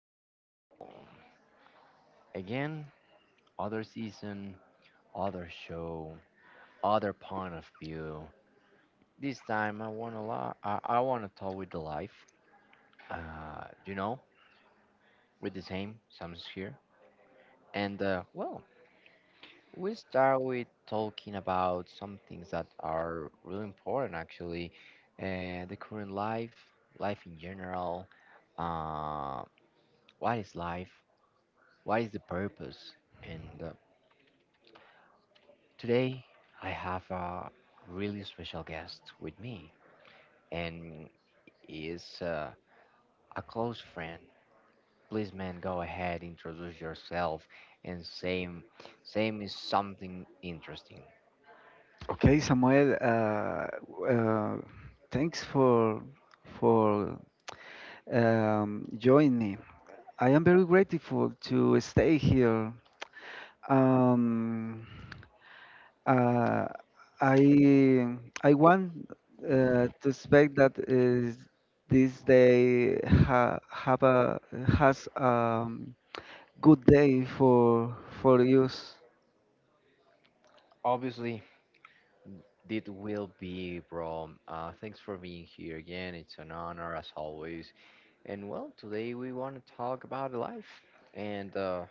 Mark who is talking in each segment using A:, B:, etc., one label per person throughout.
A: people. Again, other season, other show, other point of view. This time, I want to I want to talk with the life. Uh, you know, with the same Sam's here, and well, we start with talking about some things that are really important, actually, the current life in general. Uh, what is life? What is the purpose? And today I have a really special guest with me, and he is a close friend. Please, man, go ahead, introduce yourself, and same is something interesting.
B: Okay, Samuel, uh, thanks for joining me. I am very grateful to stay here. Um, uh, I I want to expect that is this day ha have a has a good day for use.
A: Obviously, it will be, bro. Thanks for being here again. It's an honor as always. And well, today we want to talk about life. And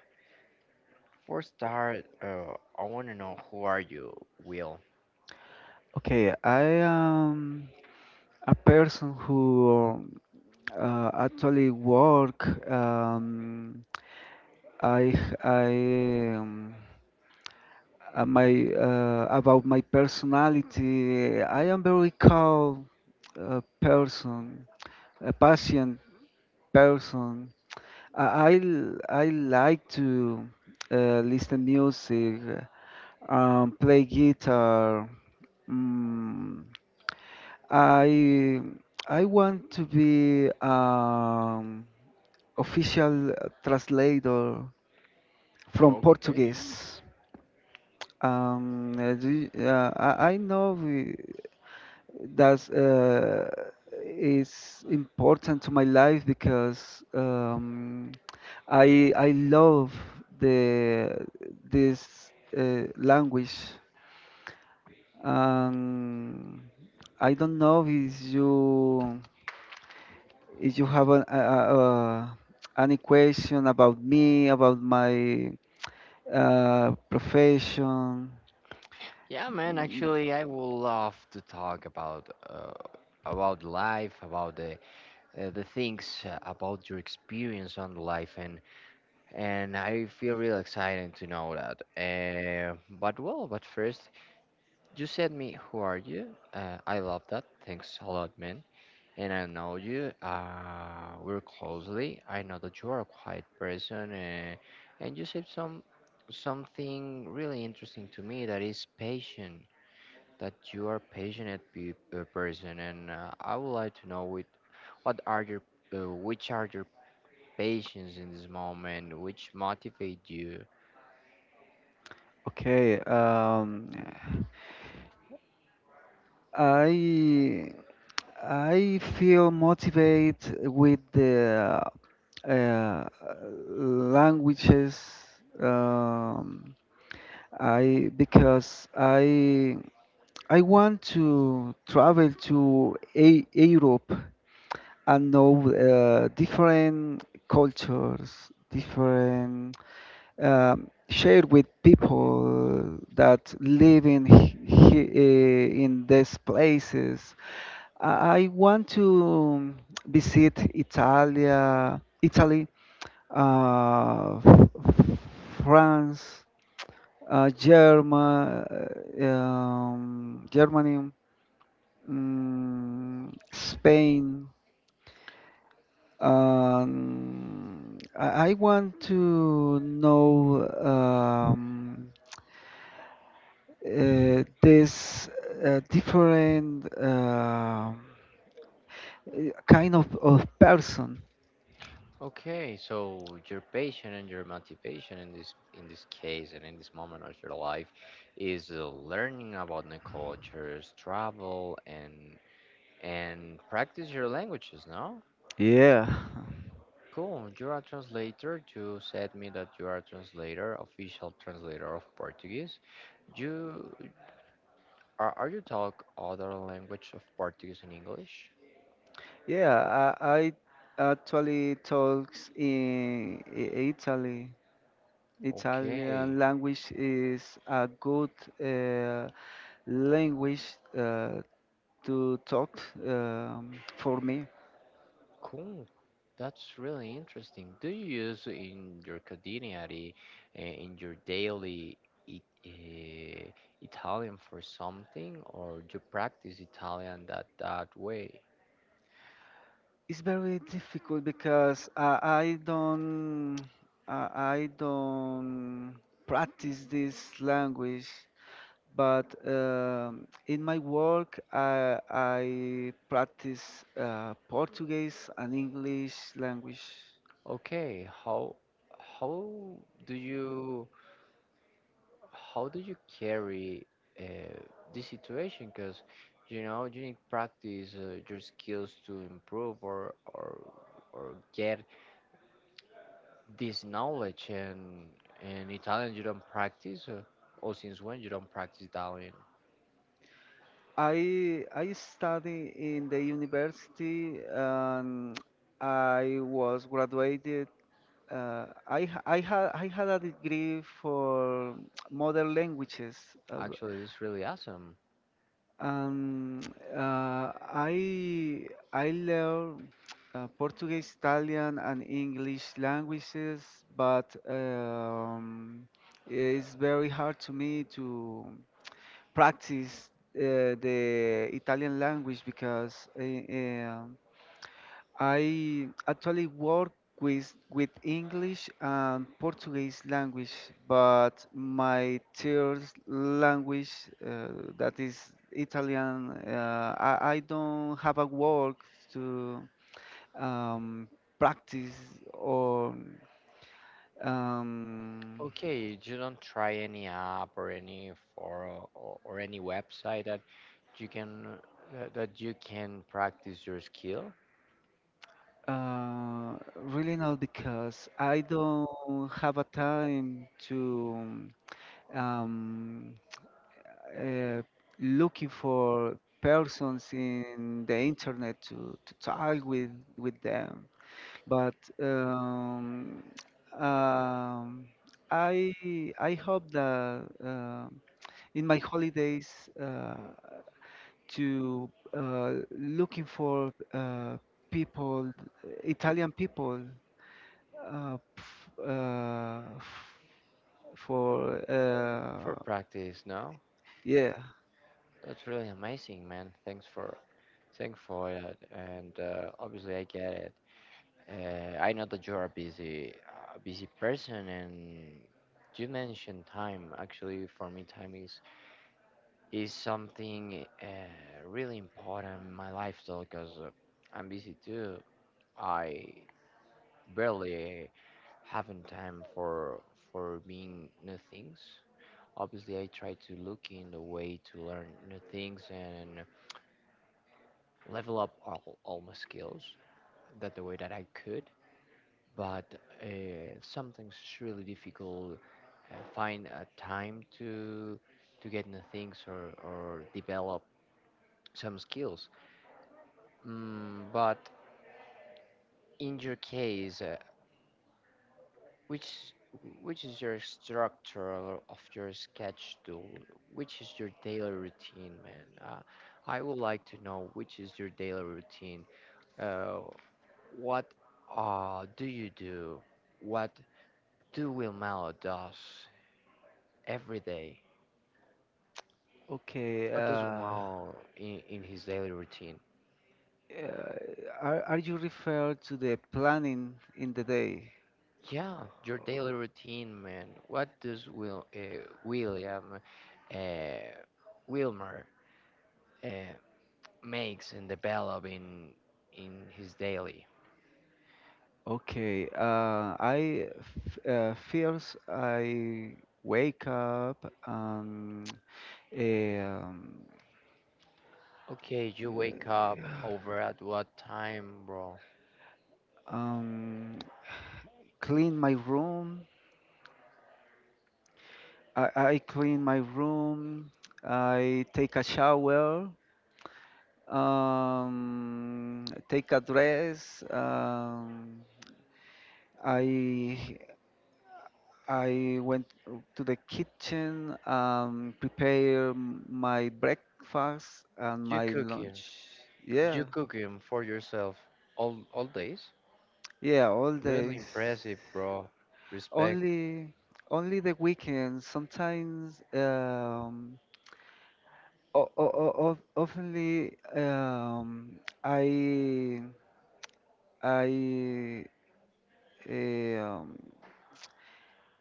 A: for start, I want to know who are you, Will?
B: Okay, I am a person who actually, work. Um, I I um, my about my personality. I am very calm person, a patient person. I like to listen music, play guitar. Mm, I I want to be official translator from
A: Okay.
B: Portuguese. I that's is important to my life because I love the this language. Um, I don't know if you have an, a- any question about me, about my profession.
A: Yeah, man.
B: Mm.
A: Actually, I would love to talk about life, about the things about your experience on life, and I feel real excited to know that. But well, but first, you said me, who are you? I love that. Thanks a lot, man. And I know you. We're closely. I know that you are a quiet person, and you said something really interesting to me that is patience. That you are passionate person, and I would like to know with what are your which are your passions in this moment, which motivate you.
B: Okay, I I feel motivated with the uh, languages. Um, I because I I want to travel to a Europe and know different cultures, different, share with people that live in in these places. I want to visit Italy, uh, f- France, uh, Germa, Germany, Spain. I want to know. This different kind of person.
A: Okay, so your passion and your motivation in this case and in this moment of your life is learning about new cultures, travel, and practice your languages. No,
B: Yeah.
A: cool. You are a translator. You said me that you are a translator, official translator of Portuguese. You are you talk other language of Portuguese and English?
B: yeah. I, I actually talks in Italy.
A: Yeah.
B: Italian language is a good uh, language uh, to talk for me.
A: Cool. That's really interesting. Do you use in your quotidianity, in your daily it, uh, Italian for something, or you practice Italian that way?
B: It's very difficult because I don't practice this language, but in my work I practice Portuguese and English language.
A: Okay, how do you how do you carry uh, this situation? Because you know you need practice your skills to improve or or get this knowledge. And in Italian, you don't practice, or since when you don't practice Italian?
B: I study in the university and I was graduated. I had a degree for modern languages. Uh,
A: Actually, this is really awesome.
B: Um, uh, I I learn Portuguese, Italian, and English languages, but it's very hard to me to practice the Italian language because I actually work with English and Portuguese language, but my third language, that is Italian, I don't have a work to um, practice or um,
A: Okay, you don't try any app or or any website that you can practice your skill
B: really not because I don't have a time to um, uh, looking for persons in the internet to talk with them, but um, um, I I hope that in my holidays to looking for people, Italian people uh, f- uh, f- for uh.
A: for practice, no?
B: Yeah.
A: That's really amazing, man. Thanks for it. And obviously, I get it. I know that you're a busy person, and you mentioned time. Actually, for me, time is something really important in my lifestyle because I'm busy too. I barely having time for being new things. Obviously, I try to look in the way to learn new things and level up all my skills that the way that I could. But something's really difficult. Find a time to get new things or develop some skills. But in your case, which which is your structure of your sketch tool? Which is your daily routine, man? I would like to know which is your daily routine. Uh, what do you do? What do Wilmao does every day?
B: okay
A: What does
B: uh,
A: Wilmao in his daily routine?
B: Uh, are you referred to the planning in the day?
A: Yeah, your daily routine, man. What does Will William uh, Wilmer uh, makes and develop in his daily?
B: Okay, first I wake up and um,
A: Okay, you wake up over at what time, bro?
B: um, clean my room. I clean my room. I take a shower. Take a dress. I I went to the kitchen and prepare my breakfast and
A: You
B: my
A: cooking?
B: lunch. Yeah,
A: You cooking for yourself all days?
B: yeah, all
A: Really
B: days.
A: impressive, bro. Respect.
B: Only, only the weekends. Sometimes, oftenly, I, I, eh, um,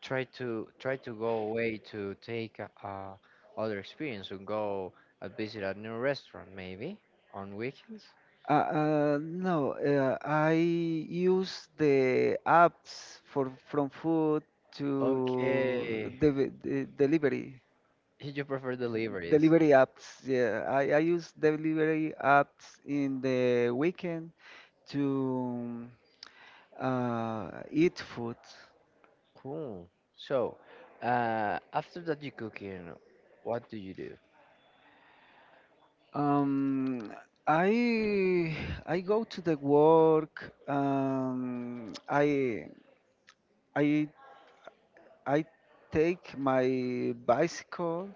A: Try to go away to take a other experience and go and visit a new restaurant maybe on weekends.
B: No, I use the apps for from food to
A: Okay,
B: delivery,
A: you prefer delivery.
B: delivery apps. Yeah, I use delivery apps in the weekend to eat food.
A: Cool. So after that you cooking, what do you do?
B: Um, I I go to the work. I I take my bicycle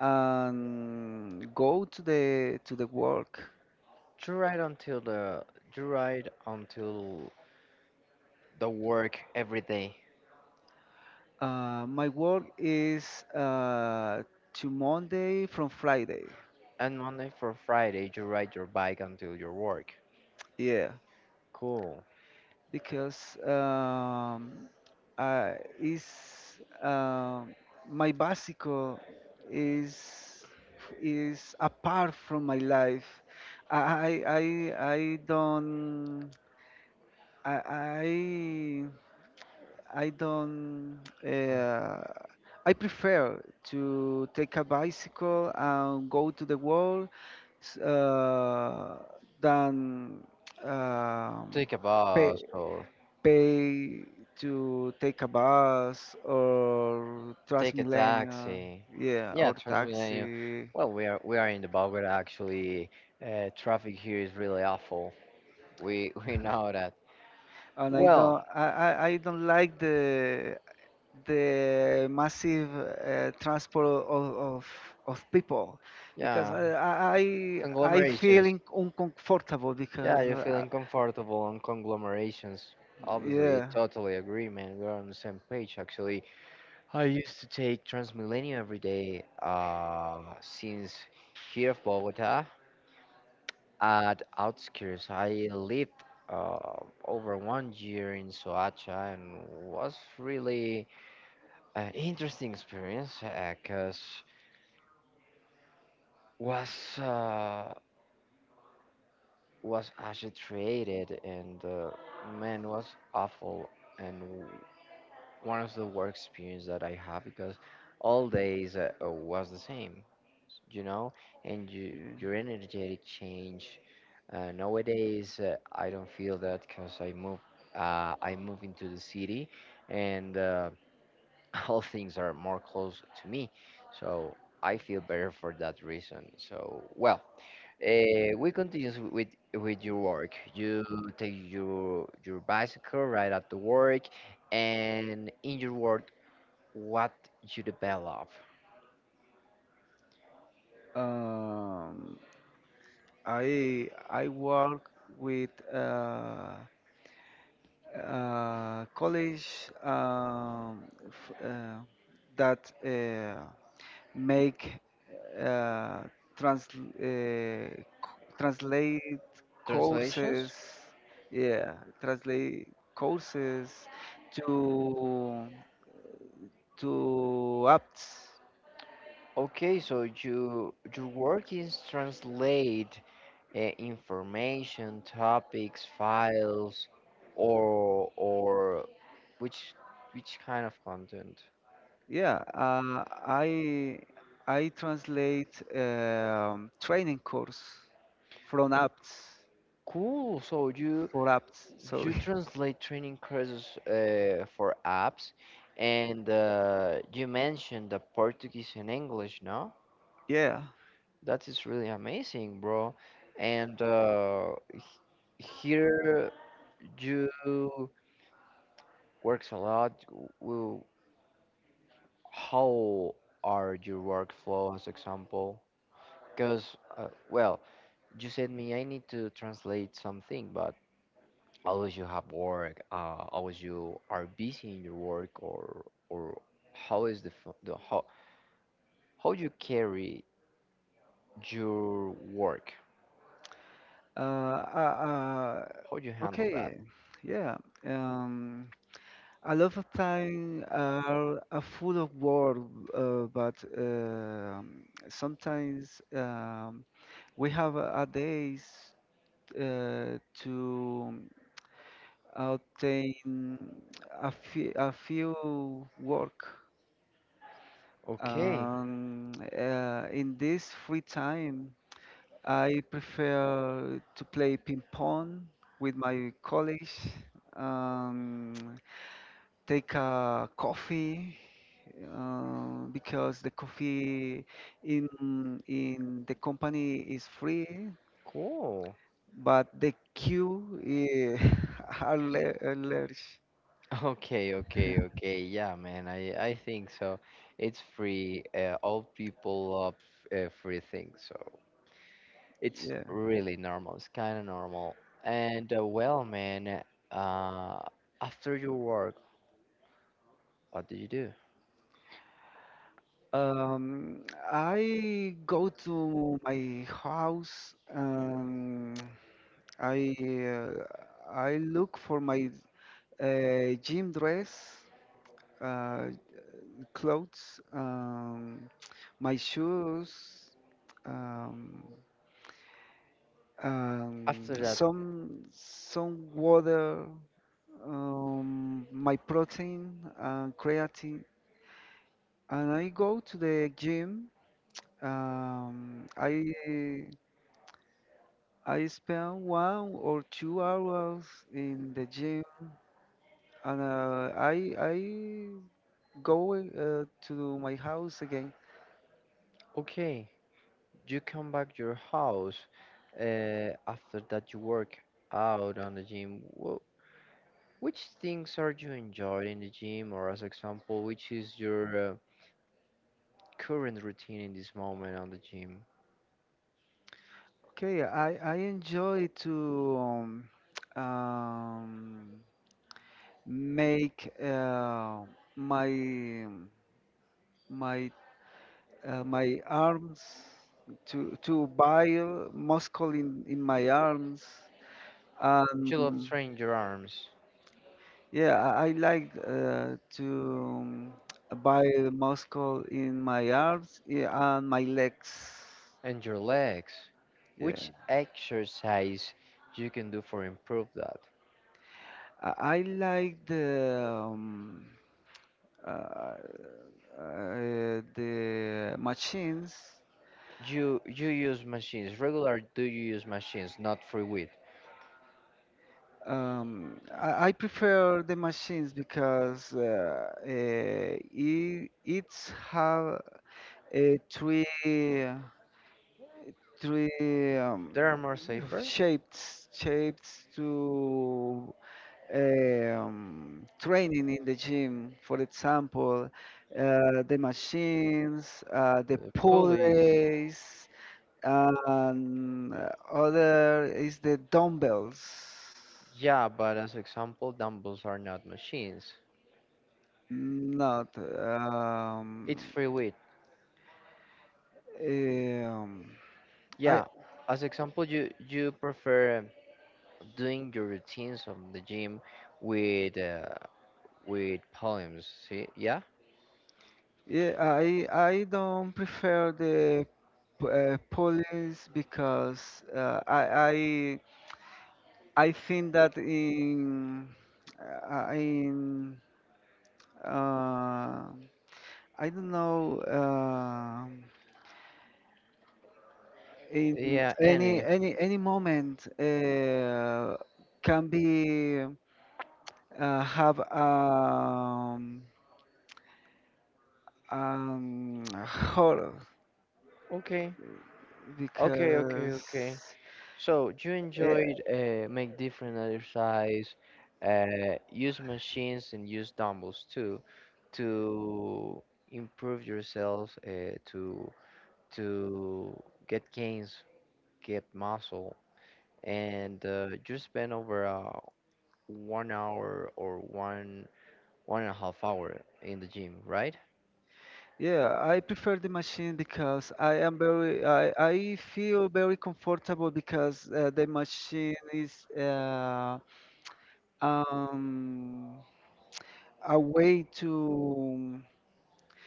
B: and go to the work.
A: You ride until the you ride until the work every day?
B: My work is to Monday from Friday.
A: And Monday for Friday, you ride your bike until your work.
B: Yeah,
A: Cool.
B: because uh, is um my bicycle is is apart from my life. I I I I don't I I I don't. I prefer to take a bicycle and go to the world s- uh, than um,
A: Take a
B: pay,
A: bus or
B: pay to take a bus or
A: take a
B: Transmilenio,
A: taxi.
B: yeah,
A: Yeah,
B: or
A: Transmilenio.
B: taxi.
A: Well, we are in the Bogota actually. Traffic here is really awful. We we know that.
B: And I
A: Well,
B: don't. I don't like the massive transport of people because
A: yeah,
B: I feel
A: conglomerations.
B: uncomfortable
A: Yeah,
B: because
A: you're feeling comfortable on conglomerations. Obviously, I
B: yeah,
A: totally agree, man. We're on the same page actually. I used to take Transmilenio every day since here of Bogota at outskirts. I lived uh, over 1 year in Soacha and was really interesting experience because was uh, was actually created, and man was awful and one of the work experience that I have because all days was the same, you know, and you,
B: yeah.
A: your energetic change. Nowadays, I don't feel that because I move. I move into the city, and all things are more close to me. So I feel better for that reason. So well, we continue with your work. You take your bicycle right after work, and in your work, what you develop?
B: Um, I work with college f that make uh, translate courses,
A: Translations.
B: yeah, translate courses to to apps.
A: Okay, so your work is translate information, topics, files, or which which kind of content?
B: Yeah, I translate training course from apps
A: Cool. So you
B: for apps.
A: you
B: Sorry.
A: translate training courses for apps, and you mentioned the Portuguese and English. No,
B: Yeah.
A: that is really amazing, bro. And here you works a lot. W- How are your workflows, example? Because well, you said me I need to translate something, but always you have work always you are busy in your work or how is the, f- the how you carry your work,
B: Uh, uh,
A: how you
B: uh,
A: handle that?
B: okay. Yeah. Um, A lot of time are full of war, but sometimes we have a days to obtain a few work.
A: Okay.
B: Um, in this free time, I prefer to play ping pong with my colleagues. Um, Take a coffee because the coffee in in the company is free,
A: Cool.
B: but the queue are large.
A: Okay, okay, okay. Yeah, man, I think so. It's free, all people love free things, so it's
B: yeah.
A: really normal, it's kind of normal. And well, man, uh after your work, what do you do
B: Um, I go to my house. I uh, I look for my gym dress, uh, clothes. My shoes, um,
A: after?
B: some water, my protein and creatine, and I go to the gym. Um, I I spend 1 or 2 hours in the gym, and I go to my house again.
A: Okay, you come back your house, after that you work out on the gym, which things are you enjoying in the gym, or as example, which is your current routine in this moment on the gym? You
B: Okay, I enjoy to um, um, make my my my arms to buy muscle in my arms,
A: love
B: and
A: training your arms
B: yeah. I like to buy muscle in my arms, yeah, and my legs.
A: and your legs.
B: Yeah,
A: Which exercise you can do for improve that?
B: I, I like um, uh, the machines.
A: You use machines regular? Do you use machines, not free weight?
B: I prefer the machines because it, it's have a three three
A: They are more safer.
B: shapes to training in the gym. For example, the machines, the pulleys, and other is the dumbbells.
A: Yeah, but as example, dumbbells are not machines.
B: Not.
A: It's free weight.
B: Um, I
A: Yeah. As example, you prefer doing your routines on the gym with uh, with poems. See? Yeah.
B: Yeah, I don't prefer the police because I think that in uh, I don't know in
A: Yeah. Any.
B: any moment can be have horror
A: Okay. Okay. Okay. Okay.
B: because
A: So you
B: eh.
A: enjoyed make different exercise, use machines and use dumbbells too to improve yourself, to get gains, get muscle, and you spend over 1 hour or one and a half hour in the gym, right?
B: yeah, I prefer the machine because I am very I feel very comfortable because the machine is um, a way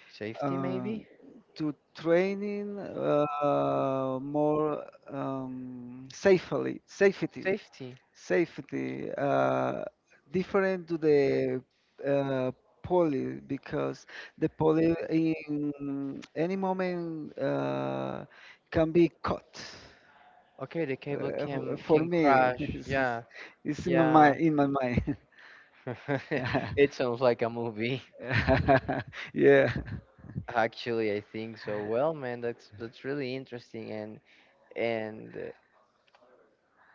A: Safety
B: uh,
A: maybe?
B: to training more safely safety
A: Safety.
B: safety different to the uh, poly because the poly in any moment can be caught.
A: Okay, the cable
B: Uh, f-
A: can
B: for
A: can
B: me,
A: crash. Yeah.
B: it's in my mind.
A: It sounds like a movie.
B: yeah.
A: Actually, I think so. Well, man, that's really interesting and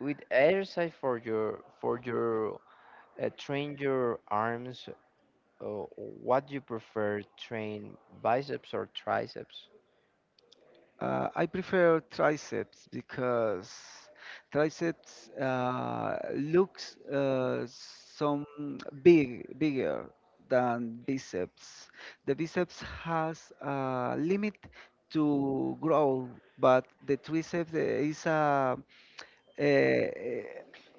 A: with exercise for your train your arms, uh, what do you prefer, train biceps or triceps?
B: I prefer triceps because triceps looks some big bigger than biceps. The biceps has a limit to grow, but the triceps is a eh, eh,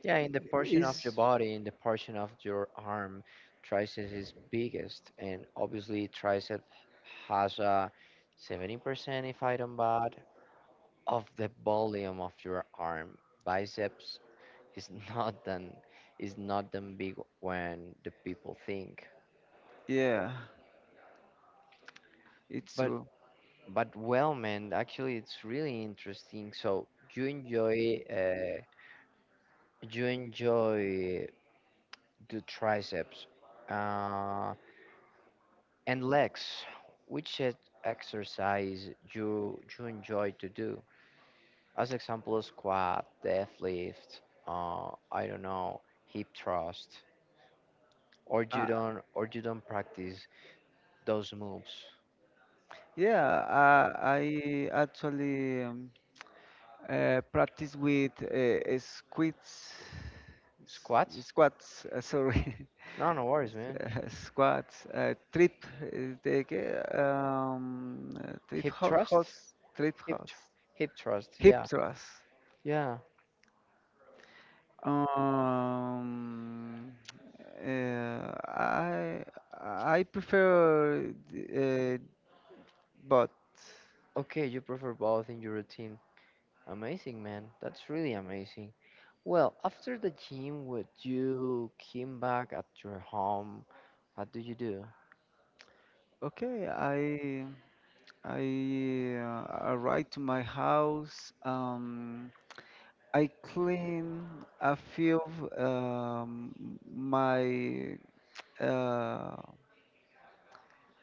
A: Yeah, in the portion of
B: is
A: your body, in the portion of your arm, tricep is biggest, and obviously tricep has a 70%, if I don't bad, of the volume of your arm. Biceps is not than is not than big when the people think.
B: yeah, it's
A: But
B: true.
A: but well, man, actually, it's really interesting. So you enjoy uh, you enjoy the triceps. Um And Lex, which exercise you enjoy to do? As example, squat, deadlift, I don't know, hip thrust, or you
B: Uh,
A: don't or you don't practice those moves.
B: yeah, I actually practice with
A: Squat?
B: s- squats. Sorry.
A: No, no worries, man.
B: Squats. Trip. The, ge- trip
A: Hip
B: ho-
A: thrust?
B: house. Trip
A: Hip thr
B: house.
A: hip thrust.
B: Hip
A: Yeah,
B: thrust.
A: yeah.
B: Um, uh, I I prefer but
A: Okay, you prefer both in your routine. Amazing, man. That's really amazing. Well, after the gym, would you came back at your home? What do you do?
B: okay. I uh, arrived to my house. I clean a few um, my uh,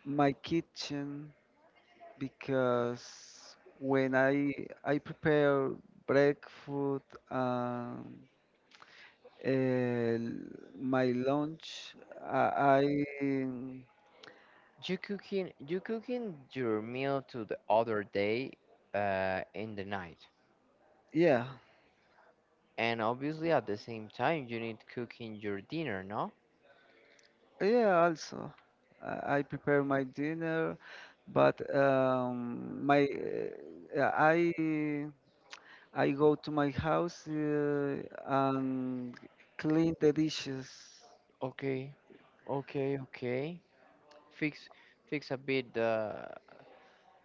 B: my kitchen because when I prepare breakfast and my lunch, I
A: You cooking your meal to the other day, in the night.
B: yeah.
A: And obviously at the same time you need cooking your dinner, no?
B: Yeah, also I prepare my dinner, but my uh, I I go to my house and clean the dishes.
A: Okay, okay, okay. Fix fix a bit the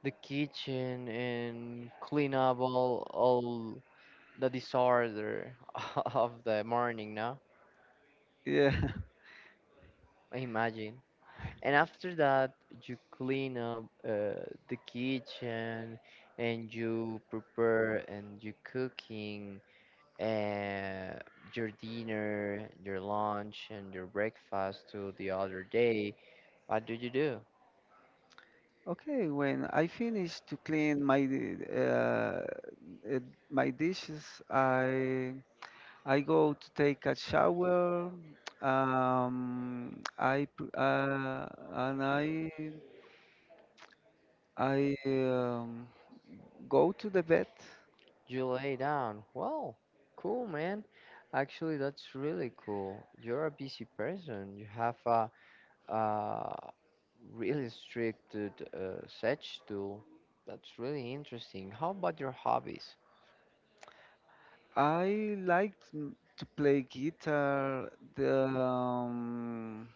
A: the kitchen and clean up all the disorder of the morning, no?
B: Yeah.
A: Imagine. And after that, you clean up the kitchen and you prepare and you cooking uh, your dinner, your lunch, and your breakfast to the other day. What do?
B: Okay, when I finish to clean my uh, uh, my dishes, I go to take a shower. I pr- and I Go to the bed.
A: You lay down. Well, cool, man. Actually, that's really cool. You're a busy person. You have a really strict schedule. That's really interesting. How about your hobbies?
B: I like to play guitar, the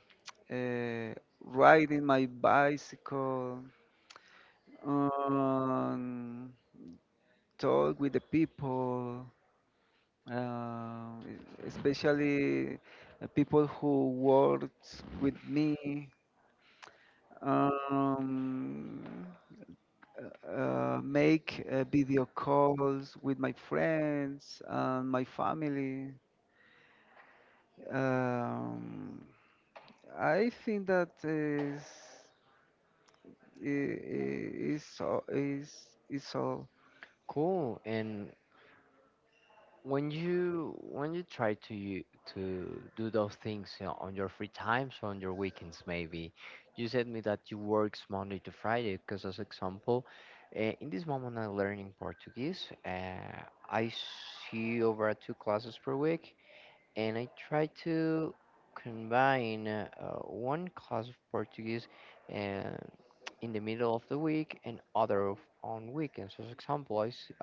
B: uh, riding my bicycle, um, talk with the people, uh, especially people who works with me, um, make video calls with my friends and my family. Um, I think that is all.
A: Cool. And when you try to to do those things, on your free times or on your weekends, maybe you said me that you works Monday to Friday. Because as example, in this moment I'm learning Portuguese. I see over 2 classes per week, and I try to combine one class of Portuguese uh, in the middle of the week and other on weekends. As example, is. See.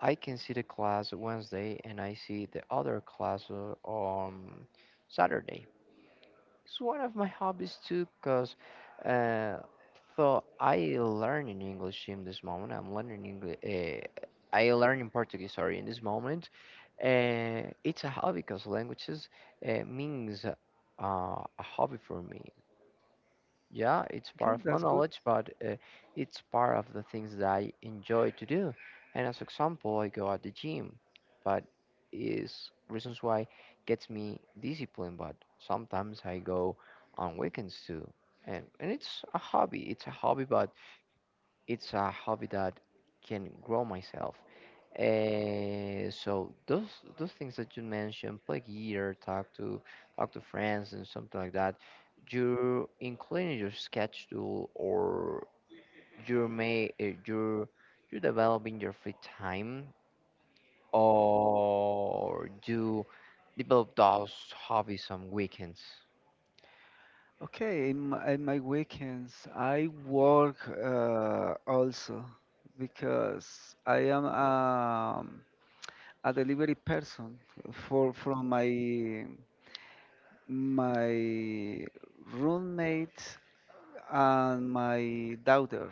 A: I can see the class Wednesday and I see the other class on Saturday. It's one of my hobbies too, cause uh, so I learn in English in this moment. I'm learning English. I learn in Portuguese. Sorry, in this moment, it's a hobby because languages means a hobby for me. Yeah, it's
B: Okay,
A: part of my
B: that's good.
A: knowledge, but it's part of the things that I enjoy to do. And as example, I go at the gym, but is reasons why gets me discipline. But sometimes I go on weekends too, and it's a hobby. It's a hobby, but it's a hobby that can grow myself. So those things that you mentioned, play gear, talk to friends and something like that, you're including your sketch tool or you're may you're developing your free time or you develop those hobbies on weekends.
B: Okay, in my weekends, I work also, because I am a delivery person for from my my roommate and my daughter.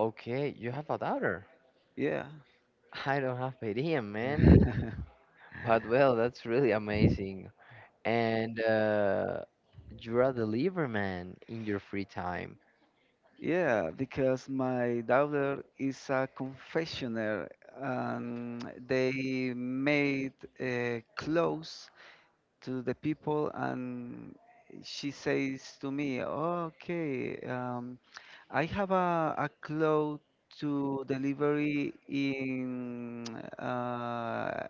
A: Okay, you have a daughter.
B: Yeah.
A: I don't have idea, man. But well, that's really amazing. And you are a deliverman in your free time.
B: Yeah, because my daughter is a confectioner and they made clothes to the people, and she says to me, okay, I have a cloth to delivery in uh,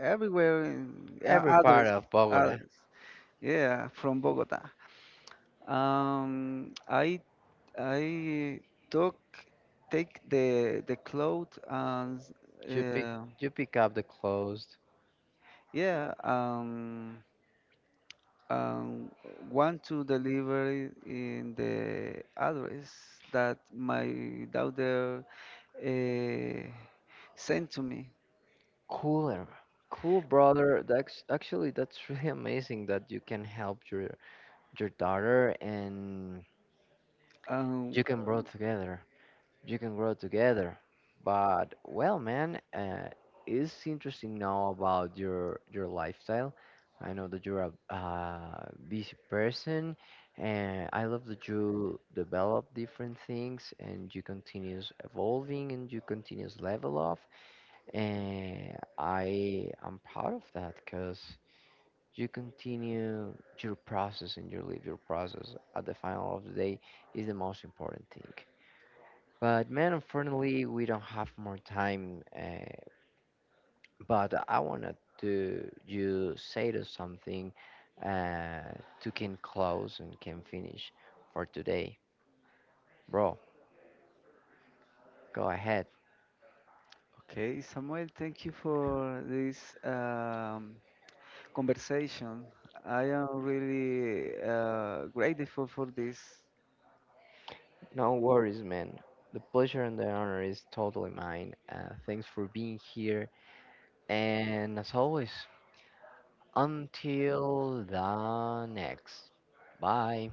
B: everywhere in,
A: Every part
B: address.
A: of Bogota,
B: Address, yeah, from bogota. Um, I I took Take the cloth and
A: you pick
B: uh,
A: you pick up the clothes.
B: yeah, um, want to deliver it in the address that my daughter uh, sent to me.
A: Cooler, cool, brother. That's actually, that's really amazing that you can help your daughter and
B: Um,
A: you can grow
B: uh,
A: together. You can grow together. But well, man, it's interesting now about your lifestyle. I know that you're a busy person, and I love that you develop different things and you continues evolving and you continues level up. And I am proud of that because you continue your process and you live your process. At the final of the day, is the most important thing. But man, unfortunately, we don't have more time. But I wanted to you say to something to can close and can finish for today, bro. Go ahead.
B: okay, Samuel, thank you for this conversation. I am really grateful for this.
A: No worries, man. The pleasure and the honor is totally mine. Thanks for being here, and as always, until the next. Bye.